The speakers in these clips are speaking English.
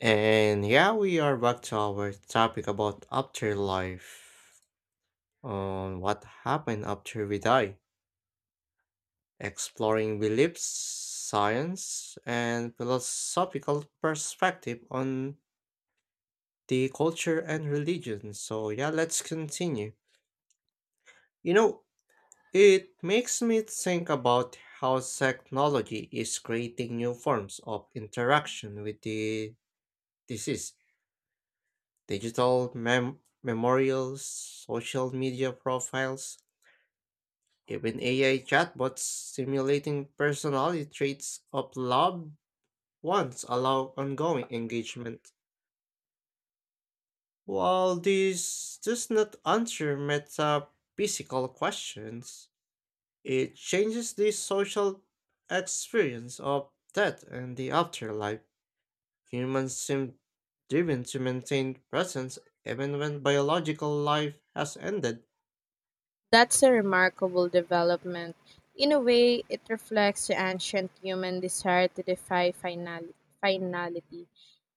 And yeah, we are back to our topic about afterlife, on what happened after we die, exploring beliefs, science, and philosophical perspective on the culture and religion. So yeah, let's continue. You know, it makes me think about how technology is creating new forms of interaction with the disease. Memorials, social media profiles, even AI chatbots simulating personality traits of loved ones allow ongoing engagement. While this does not answer metaphysical questions, it changes the social experience of death and the afterlife. Humans seem driven to maintain presence even when biological life has ended. That's a remarkable development. In a way, it reflects the ancient human desire to defy finality.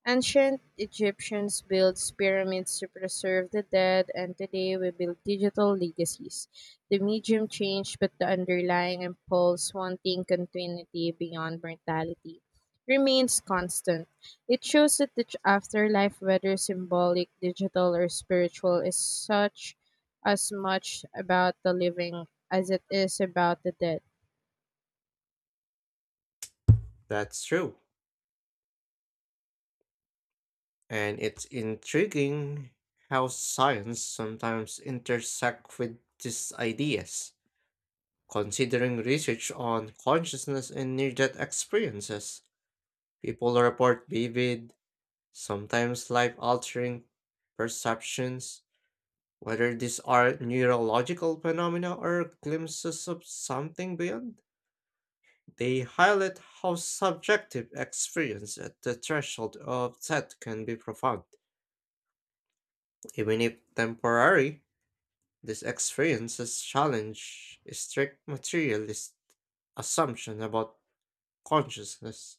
Ancient Egyptians built pyramids to preserve the dead, and today we build digital legacies. The medium changed, but the underlying impulse, wanting continuity beyond mortality, remains constant. It shows that the afterlife, whether symbolic, digital, or spiritual, is such as much about the living as it is about the dead. That's true. And it's intriguing how science sometimes intersects with these ideas. Considering research on consciousness and near death experiences, people report vivid, sometimes life altering perceptions, whether these are neurological phenomena or glimpses of something beyond. They highlight how subjective experience at the threshold of death can be profound, even if temporary. These experiences challenge strict materialist assumption about consciousness.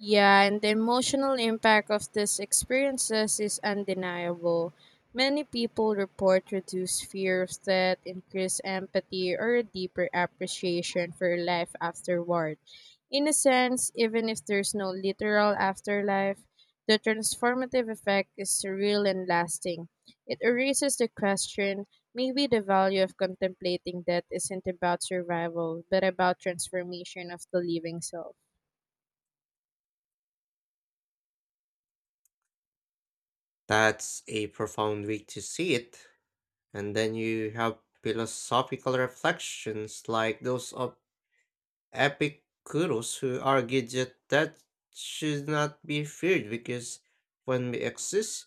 Yeah, and the emotional impact of these experiences is undeniable. Many people report reduced fear of death, increased empathy, or a deeper appreciation for life afterward. In a sense, even if there's no literal afterlife, the transformative effect is surreal and lasting. It erases the question maybe the value of contemplating death isn't about survival, but about transformation of the living self. That's a profound way to see it. And then you have philosophical reflections like those of Epicurus who argued that that should not be feared because when we exist,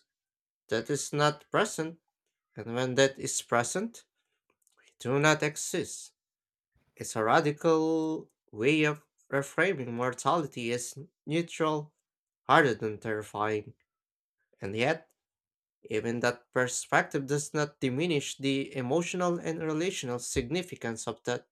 that is not present, and when that is present, we do not exist. It's a radical way of reframing mortality as neutral rather than terrifying. And yet, even that perspective does not diminish the emotional and relational significance of that.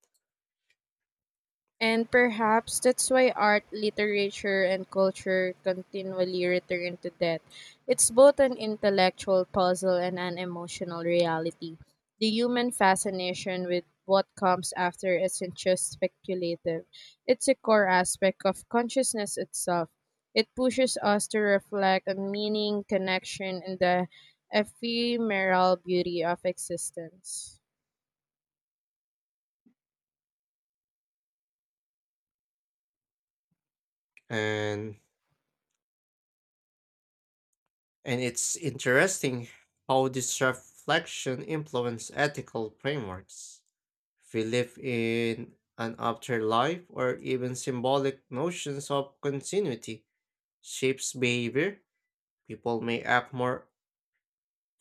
And perhaps that's why art, literature, and culture continually return to death. It's both an intellectual puzzle and an emotional reality. The human fascination with what comes after isn't just speculative, it's a core aspect of consciousness itself. It pushes us to reflect on meaning, connection, and the ephemeral beauty of existence. And and it's interesting how this reflection influences ethical frameworks. If we live in an afterlife or even symbolic notions of continuity shapes behavior, people may act more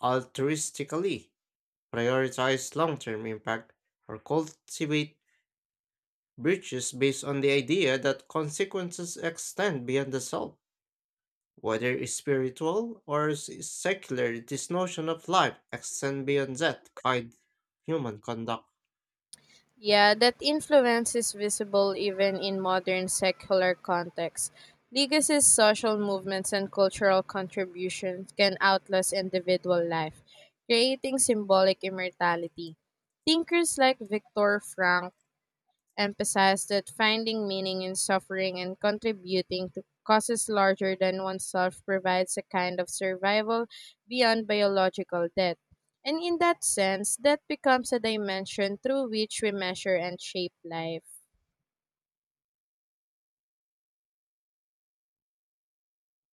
altruistically, prioritize long term impact, or cultivate virtues based on the idea that consequences extend beyond the self. Whether spiritual or secular, this notion of life extends beyond that kind human conduct. Yeah, that influence is visible even in modern secular contexts. Legacies, social movements, and cultural contributions can outlast individual life, creating symbolic immortality. Thinkers like Viktor Frankl emphasized that finding meaning in suffering and contributing to causes larger than oneself provides a kind of survival beyond biological death. And in that sense, death becomes a dimension through which we measure and shape life.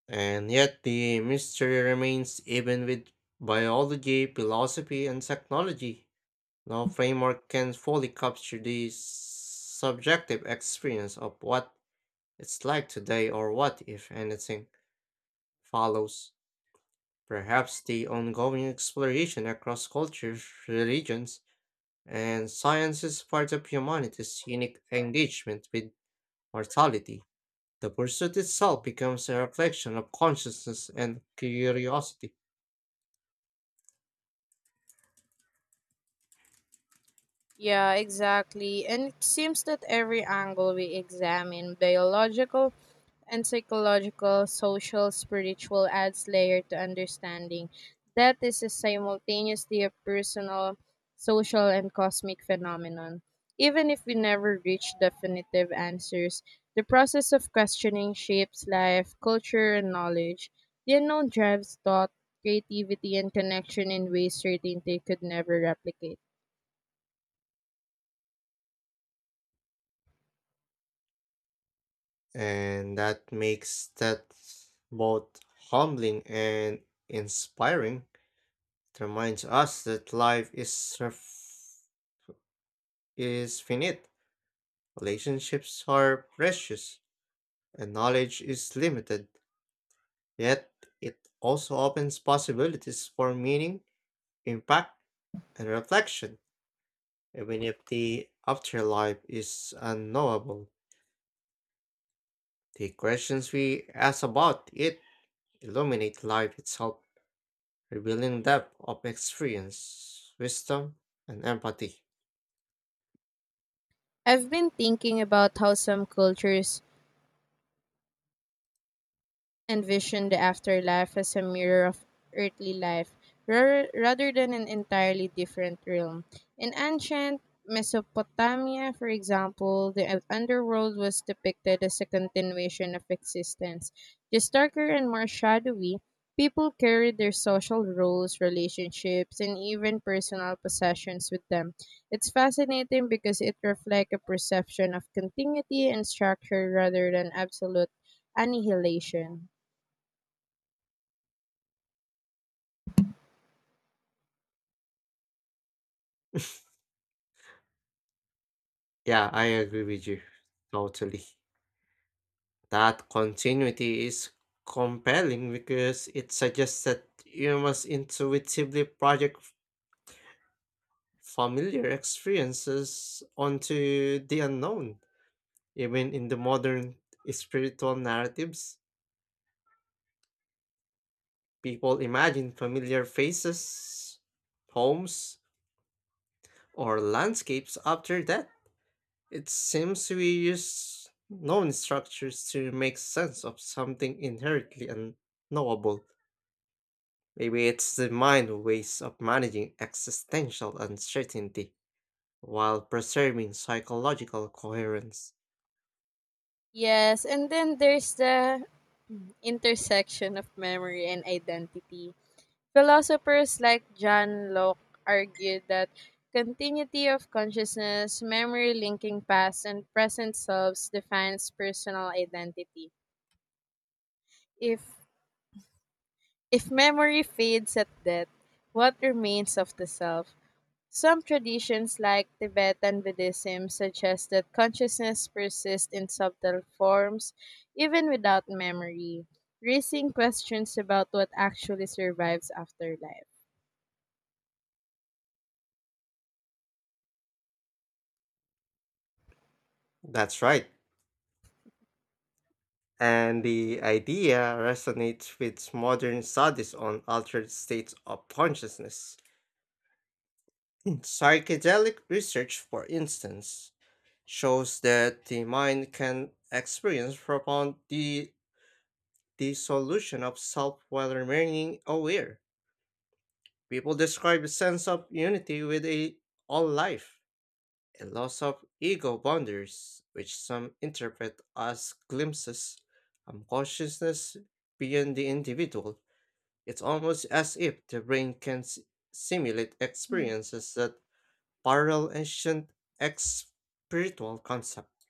And yet the mystery remains even with biology, philosophy, and technology. No framework can fully capture the subjective experience of what it's like today or what, if anything, follows. Perhaps the ongoing exploration across cultures, religions, and science is part of humanity's unique engagement with mortality. The pursuit itself becomes a reflection of consciousness and curiosity, Yeah, exactly. And it seems that every angle we examine biological and psychological, social, spiritual adds layer to understanding. That is a simultaneously a personal, social, and cosmic phenomenon. Even if we never reach definitive answers, the process of questioning shapes life, culture, and knowledge. The unknown drives thought, creativity, and connection in ways certainty could never replicate. and that makes that both humbling and inspiring. It reminds us that is finite. Relationships are precious and knowledge is limited, yet it also opens possibilities for meaning, impact, and reflection, even if the afterlife is unknowable. The questions we ask about it illuminate life itself, revealing depth of experience, wisdom, and empathy. I've been thinking about how some cultures envisioned the afterlife as a mirror of earthly life rather than an entirely different realm. In ancient Mesopotamia, for example, the underworld was depicted as a continuation of existence. Just darker and more shadowy, people carried their social roles, relationships, and even personal possessions with them. It's fascinating because it reflects a perception of continuity and structure rather than absolute annihilation. Yeah, I agree with you totally. That continuity is compelling because it suggests that you must intuitively project familiar experiences onto the unknown. Even in the modern spiritual narratives, people imagine familiar faces, homes, or landscapes after death. It seems we use known structures to make sense of something inherently unknowable. Maybe it's the mind's ways of managing existential uncertainty while preserving psychological coherence. Yes, and then there's the intersection of memory and identity. Philosophers like John Locke argued that continuity of consciousness, memory linking past and present selves defines personal identity. If if memory fades at death, what remains of the self? Some traditions, like Tibetan Buddhism, suggest that consciousness persists in subtle forms even without memory, raising questions about what actually survives after life. That's right. And the idea resonates with modern studies on altered states of consciousness. Psychedelic research, for instance, shows that the mind can experience profound dissolution of self while remaining aware. People describe a sense of unity with a all life, a loss of ego boundaries, which some interpret as glimpses of consciousness beyond the individual. It's almost as if the brain can simulate experiences that parallel ancient ex- spiritual concepts.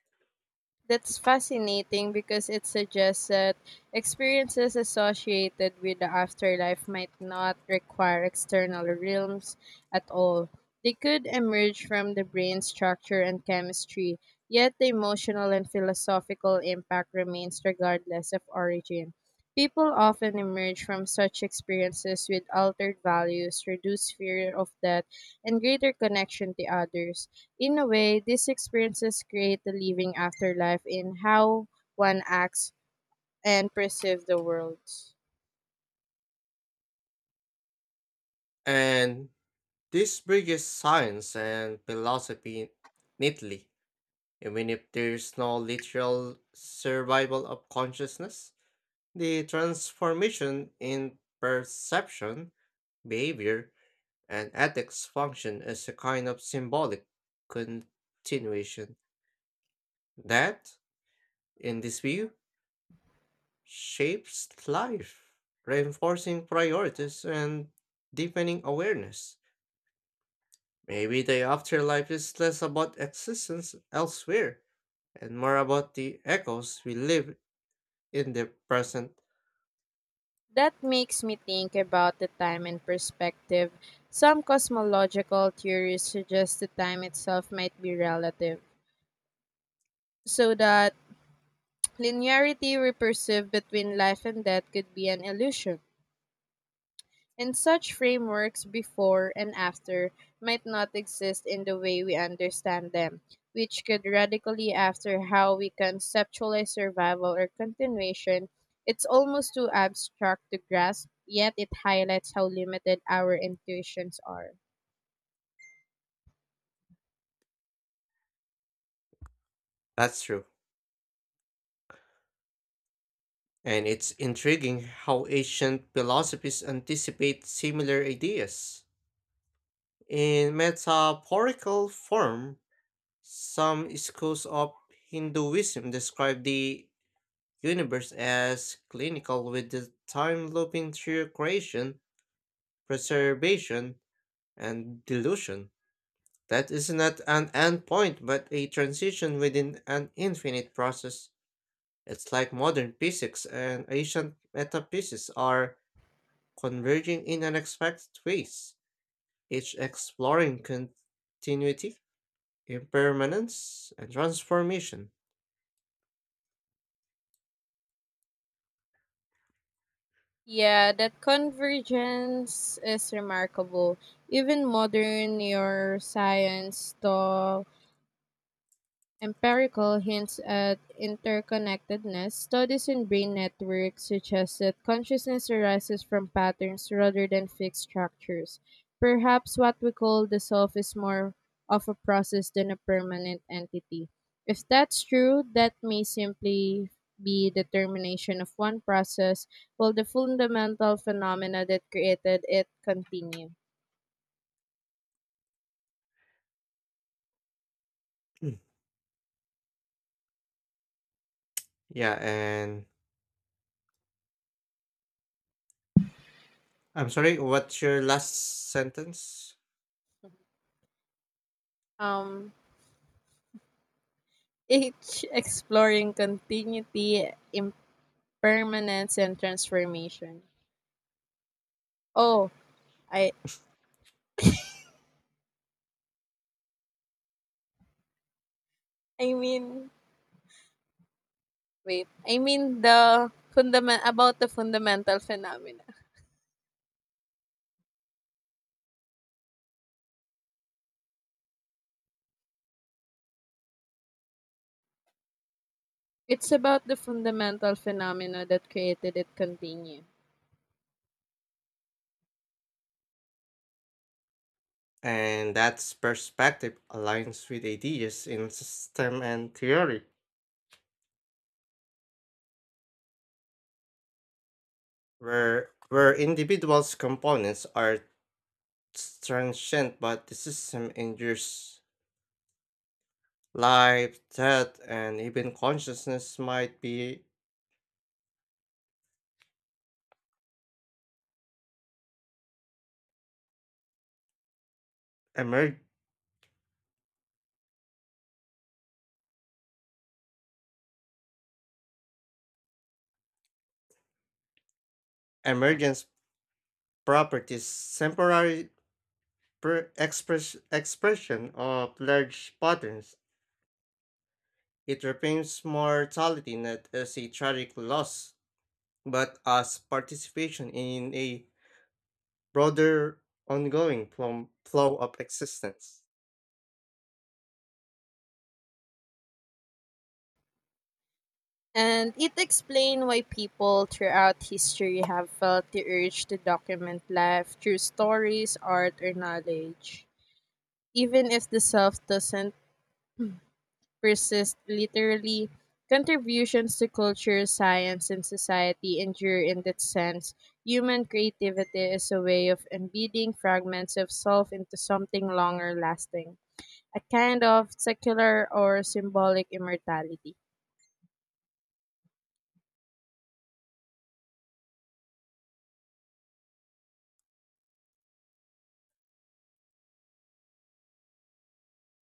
That's fascinating because it suggests that experiences associated with the afterlife might not require external realms at all. They could emerge from the brain structure and chemistry, yet the emotional and philosophical impact remains regardless of origin. People often emerge from such experiences with altered values, reduced fear of death, and greater connection to others. In a way, these experiences create the living afterlife in how one acts and perceives the world. And this bridges science and philosophy neatly, even if there's no literal survival of consciousness. The transformation in perception, behavior, and ethics function as a kind of symbolic continuation that, in this view, shapes life, reinforcing priorities and deepening awareness. Maybe the afterlife is less about existence elsewhere and more about the echoes we live in the present. That makes me think about the time and perspective. Some cosmological theories suggest the time itself might be relative, so that linearity we perceive between life and death could be an illusion. And such frameworks before and after might not exist in the way we understand them, which could radically alter how we conceptualize survival or continuation. It's almost too abstract to grasp, yet it highlights how limited our intuitions are. That's true. And it's intriguing how ancient philosophies anticipate similar ideas. In metaphorical form, some schools of Hinduism describe the universe as clinical with the time looping through creation, preservation, and delusion. That is not an endpoint but a transition within an infinite process. It's like modern physics and ancient metaphysics are converging in unexpected ways, each exploring continuity, impermanence, and transformation. Yeah, that convergence is remarkable. Even modern neuroscience, though empirical, hints at interconnectedness. Studies in brain networks suggest that consciousness arises from patterns rather than fixed structures. Perhaps what we call the self is more of a process than a permanent entity. If that's true, that may simply be the termination of one process, while the fundamental phenomena that created it continue. Mm. Yeah, and I'm sorry, what's your last sentence? Um, each exploring continuity, permanence and transformation. Oh, I I mean wait. I mean the fundamental phenomena. It's about the fundamental phenomena that created it continue. And that's perspective aligns with ideas in system and theory, where individuals' components are transient, but the system endures. Life, death, and even consciousness might be emer- emergence properties, temporary per express expression of large patterns. It reframes mortality not as a tragic loss, but as participation in a broader ongoing flow of existence. And it explains why people throughout history have felt the urge to document life through stories, art, or knowledge, even if the self doesn't persist literally. Contributions to culture, science, and society endure in that sense. Human creativity is a way of embedding fragments of self into something longer lasting, a kind of secular or symbolic immortality.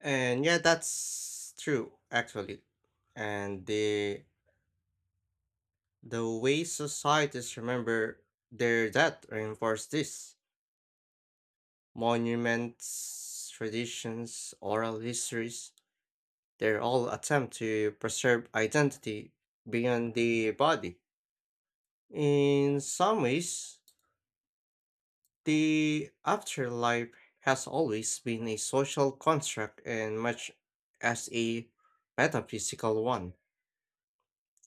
And yeah, that's true actually. And the way societies remember their death reinforce this. Monuments, traditions, oral histories, they're all attempt to preserve identity beyond the body. In some ways, the afterlife has always been a social construct and much as a metaphysical one.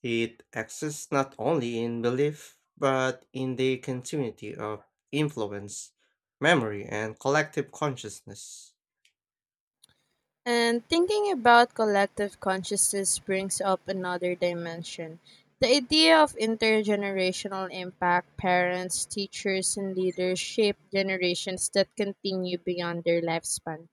It exists not only in belief, but in the continuity of influence, memory, and collective consciousness. And thinking about collective consciousness brings up another dimension. The idea of intergenerational impact, parents, teachers, and leaders shape generations that continue beyond their lifespan.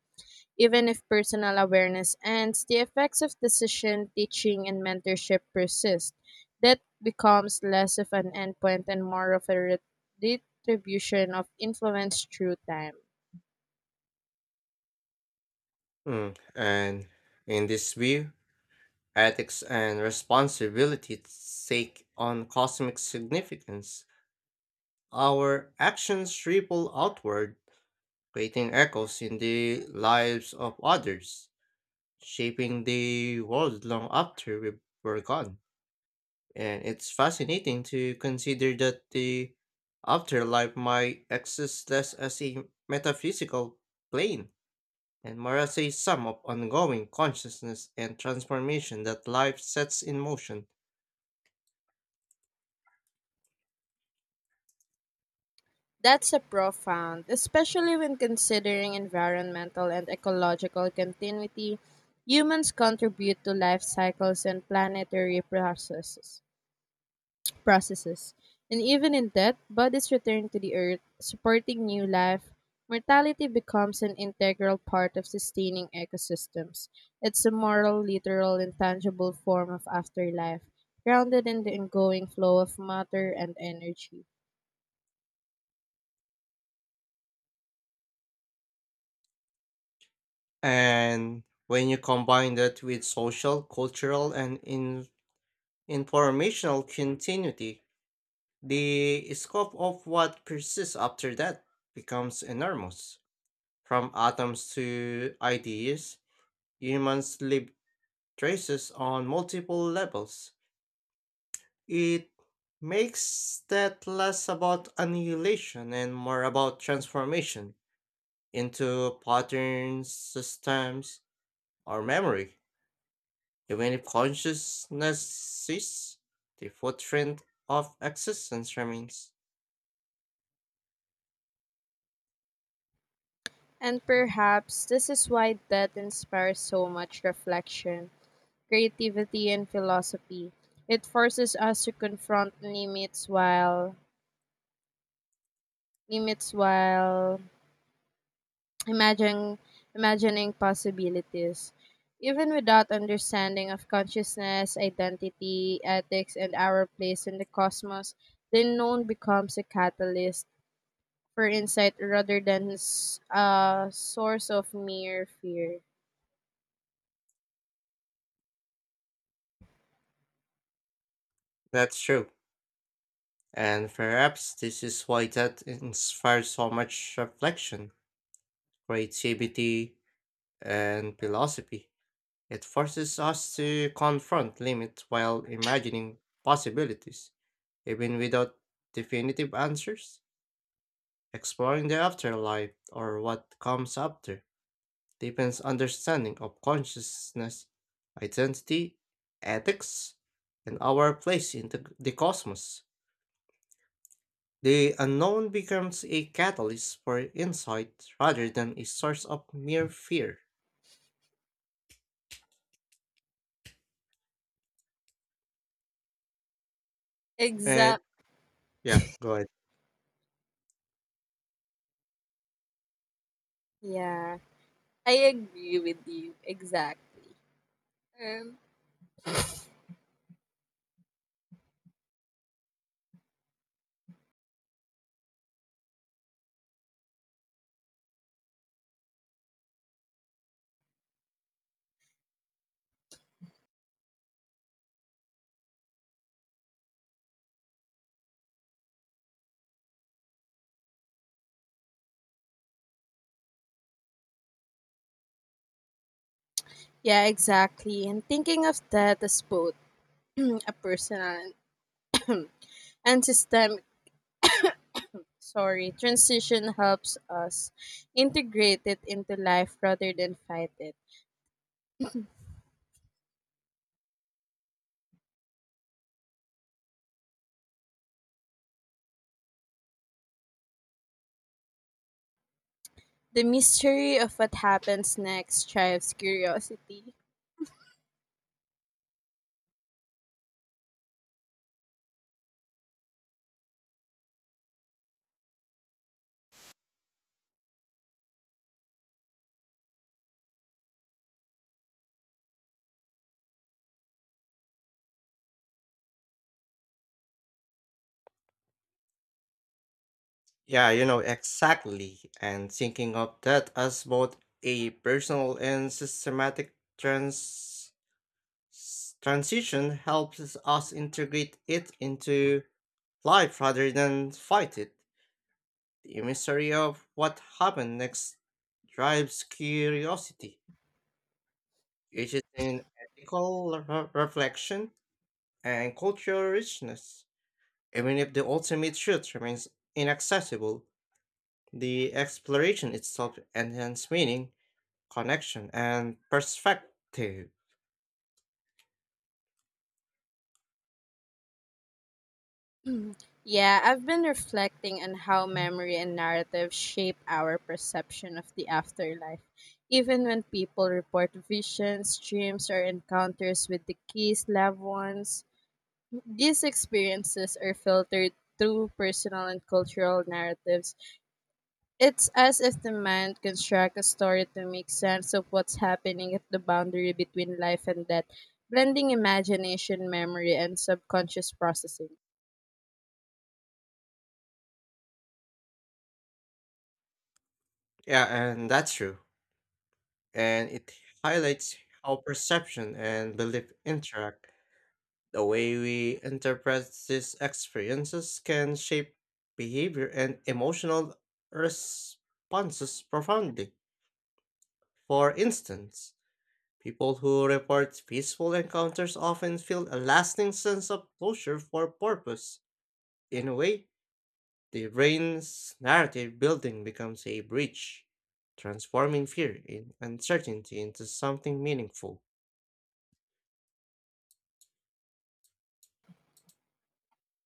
Even if personal awareness ends, the effects of decision, teaching, and mentorship persist. That becomes less of an endpoint and more of a distribution of influence through time. Mm, and in this view, ethics and responsibility take on cosmic significance. Our actions ripple outward, creating echoes in the lives of others, shaping the world long after we were gone. And it's fascinating to consider that the afterlife might exist less as a metaphysical plane and more as a sum of ongoing consciousness and transformation that life sets in motion. That's a profound, especially when considering environmental and ecological continuity. Humans contribute to life cycles and planetary processes. And even in death, bodies return to the earth, supporting new life. Mortality becomes an integral part of sustaining ecosystems. It's a moral, literal, and tangible form of afterlife, grounded in the ongoing flow of matter and energy. And when you combine that with social, cultural, and informational continuity, the scope of what persists after that becomes enormous. From atoms to ideas, humans leave traces on multiple levels. It makes that less about annihilation and more about transformation into patterns, systems, or memory. Even if consciousness cease, the footprint of existence remains. And perhaps this is why death inspires so much reflection, creativity, and philosophy. It forces us to confront limits while Imagine, imagining possibilities. Even without understanding of consciousness, identity, ethics, and our place in the cosmos, the known becomes a catalyst for insight rather than a source of mere fear. That's true. And perhaps this is why that inspires so much reflection, creativity, and philosophy. It forces us to confront limits while imagining possibilities, even without definitive answers, exploring the afterlife or what comes after deepens understanding of consciousness, identity, ethics, and our place in the cosmos. The unknown becomes a catalyst for insight rather than a source of mere fear. And Exact. yeah, go ahead. Yeah, I agree with you. Exactly. Um, Yeah, exactly. And thinking of that as both a personal and systemic transition helps us integrate it into life rather than fight it. The mystery of what happens next drives curiosity. Yeah, you know, exactly. And thinking of that as both a personal and systematic transition helps us integrate it into life rather than fight it. The mystery of what happened next drives curiosity, which is an ethical reflection and cultural richness. Even if the ultimate truth remains inaccessible, the exploration itself enhances meaning, connection, and perspective. Yeah, I've been reflecting on how memory and narrative shape our perception of the afterlife. Even when people report visions, dreams, or encounters with deceased loved ones, these experiences are filtered through personal and cultural narratives. It's as if the mind constructs a story to make sense of what's happening at the boundary between life and death, blending imagination, memory, and subconscious processing. Yeah, and that's true. And it highlights how perception and belief interact. The way we interpret these experiences can shape behavior and emotional responses profoundly. For instance, people who report peaceful encounters often feel a lasting sense of closure for purpose. In a way, the brain's narrative building becomes a bridge, transforming fear and uncertainty into something meaningful.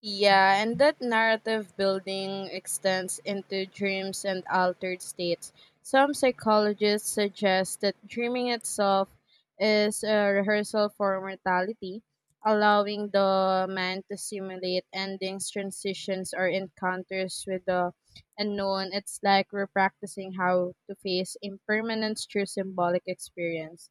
Yeah, and that narrative building extends into dreams and altered states. Some psychologists suggest that dreaming itself is a rehearsal for mortality, allowing the man to simulate endings, transitions, or encounters with the unknown. It's like we're practicing how to face impermanence through symbolic experience,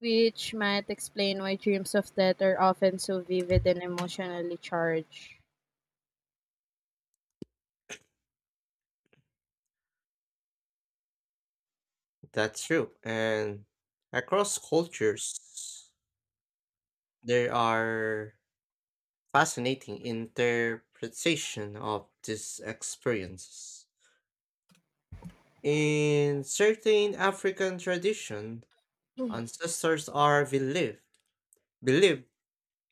which might explain why dreams of death are often so vivid and emotionally charged. That's true. And across cultures, there are fascinating interpretation of these experiences. In certain African tradition, ancestors are believed believed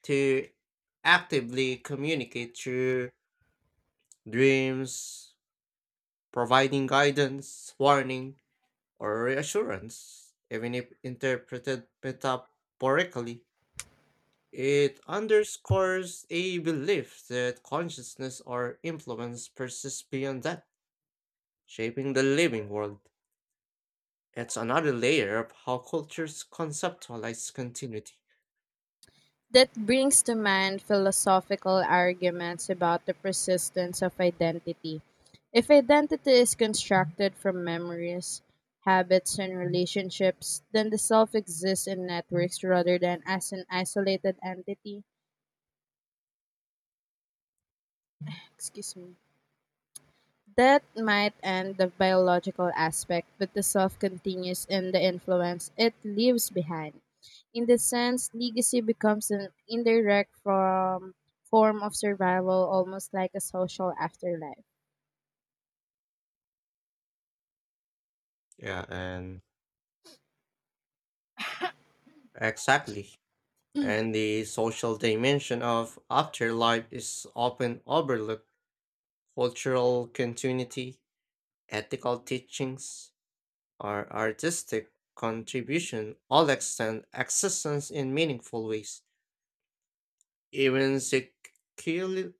to actively communicate through dreams, providing guidance, warning, or reassurance, even if interpreted metaphorically. It underscores a belief that consciousness or influence persists beyond that shaping the living world. It's another layer of how cultures conceptualize continuity. That brings to mind philosophical arguments about the persistence of identity. If identity is constructed from memories, habits, and relationships, then the self exists in networks rather than as an isolated entity. Excuse me. That might end the biological aspect, but the self continues in the influence it leaves behind. In this sense, legacy becomes an indirect from form of survival, almost like a social afterlife. Yeah, and exactly. And the social dimension of afterlife is often overlooked. Cultural continuity, ethical teachings, or artistic contribution all extend existence in meaningful ways. Even secular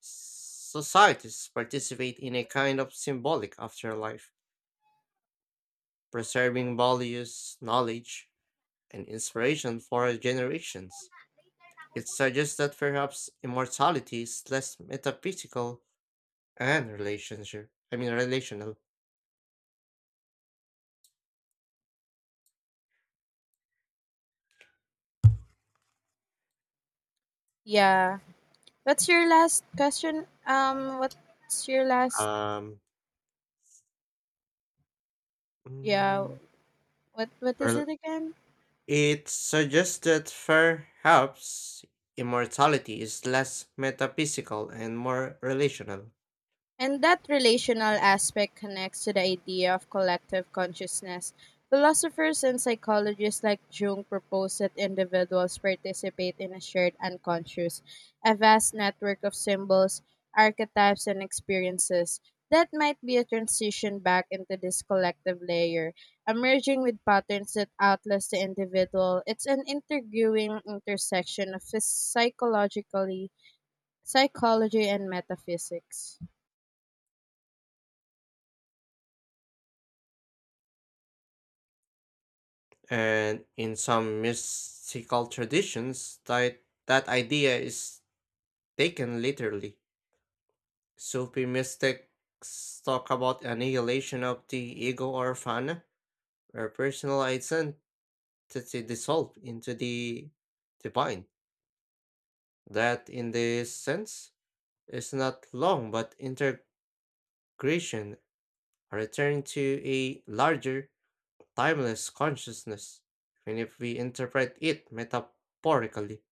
societies participate in a kind of symbolic afterlife, preserving values, knowledge, and inspiration for generations. It suggests that perhaps immortality is less metaphysical and relationship. I mean, relational. Yeah. What's your last question? What's your last? Um, Yeah. mm, What is it rel- again? it suggests that perhaps immortality is less metaphysical and more relational. And that relational aspect connects to the idea of collective consciousness. Philosophers and psychologists like Jung propose that individuals participate in a shared unconscious, a vast network of symbols, archetypes, and experiences. That might be a transition back into this collective layer, emerging with patterns that outlast the individual. It's an intriguing intersection of psychology and metaphysics. And in some mystical traditions, that idea is taken literally. Sufi mystics talk about annihilation of the ego or fana, where personal identity dissolves into the divine. That, in this sense, is not long but integration, a return to a larger, timeless consciousness. Even if we interpret it metaphorically,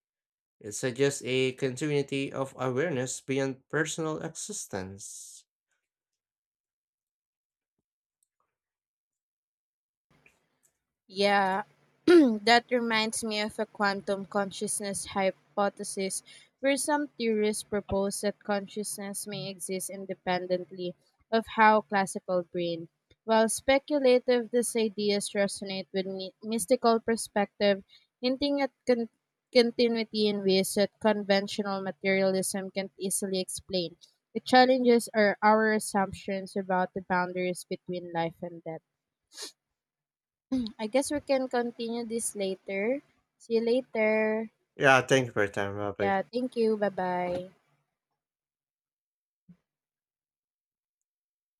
it suggests a continuity of awareness beyond personal existence. Yeah, that reminds me of a quantum consciousness hypothesis where some theorists propose that consciousness may exist independently of how classical brain. While speculative, these ideas resonate with mystical perspective, hinting at continuity in ways that conventional materialism can not easily explain. It challenges our assumptions about the boundaries between life and death. I guess we can continue this later. See you later. Yeah, thank you for your time, Rabbi. Yeah, thank you. Bye-bye.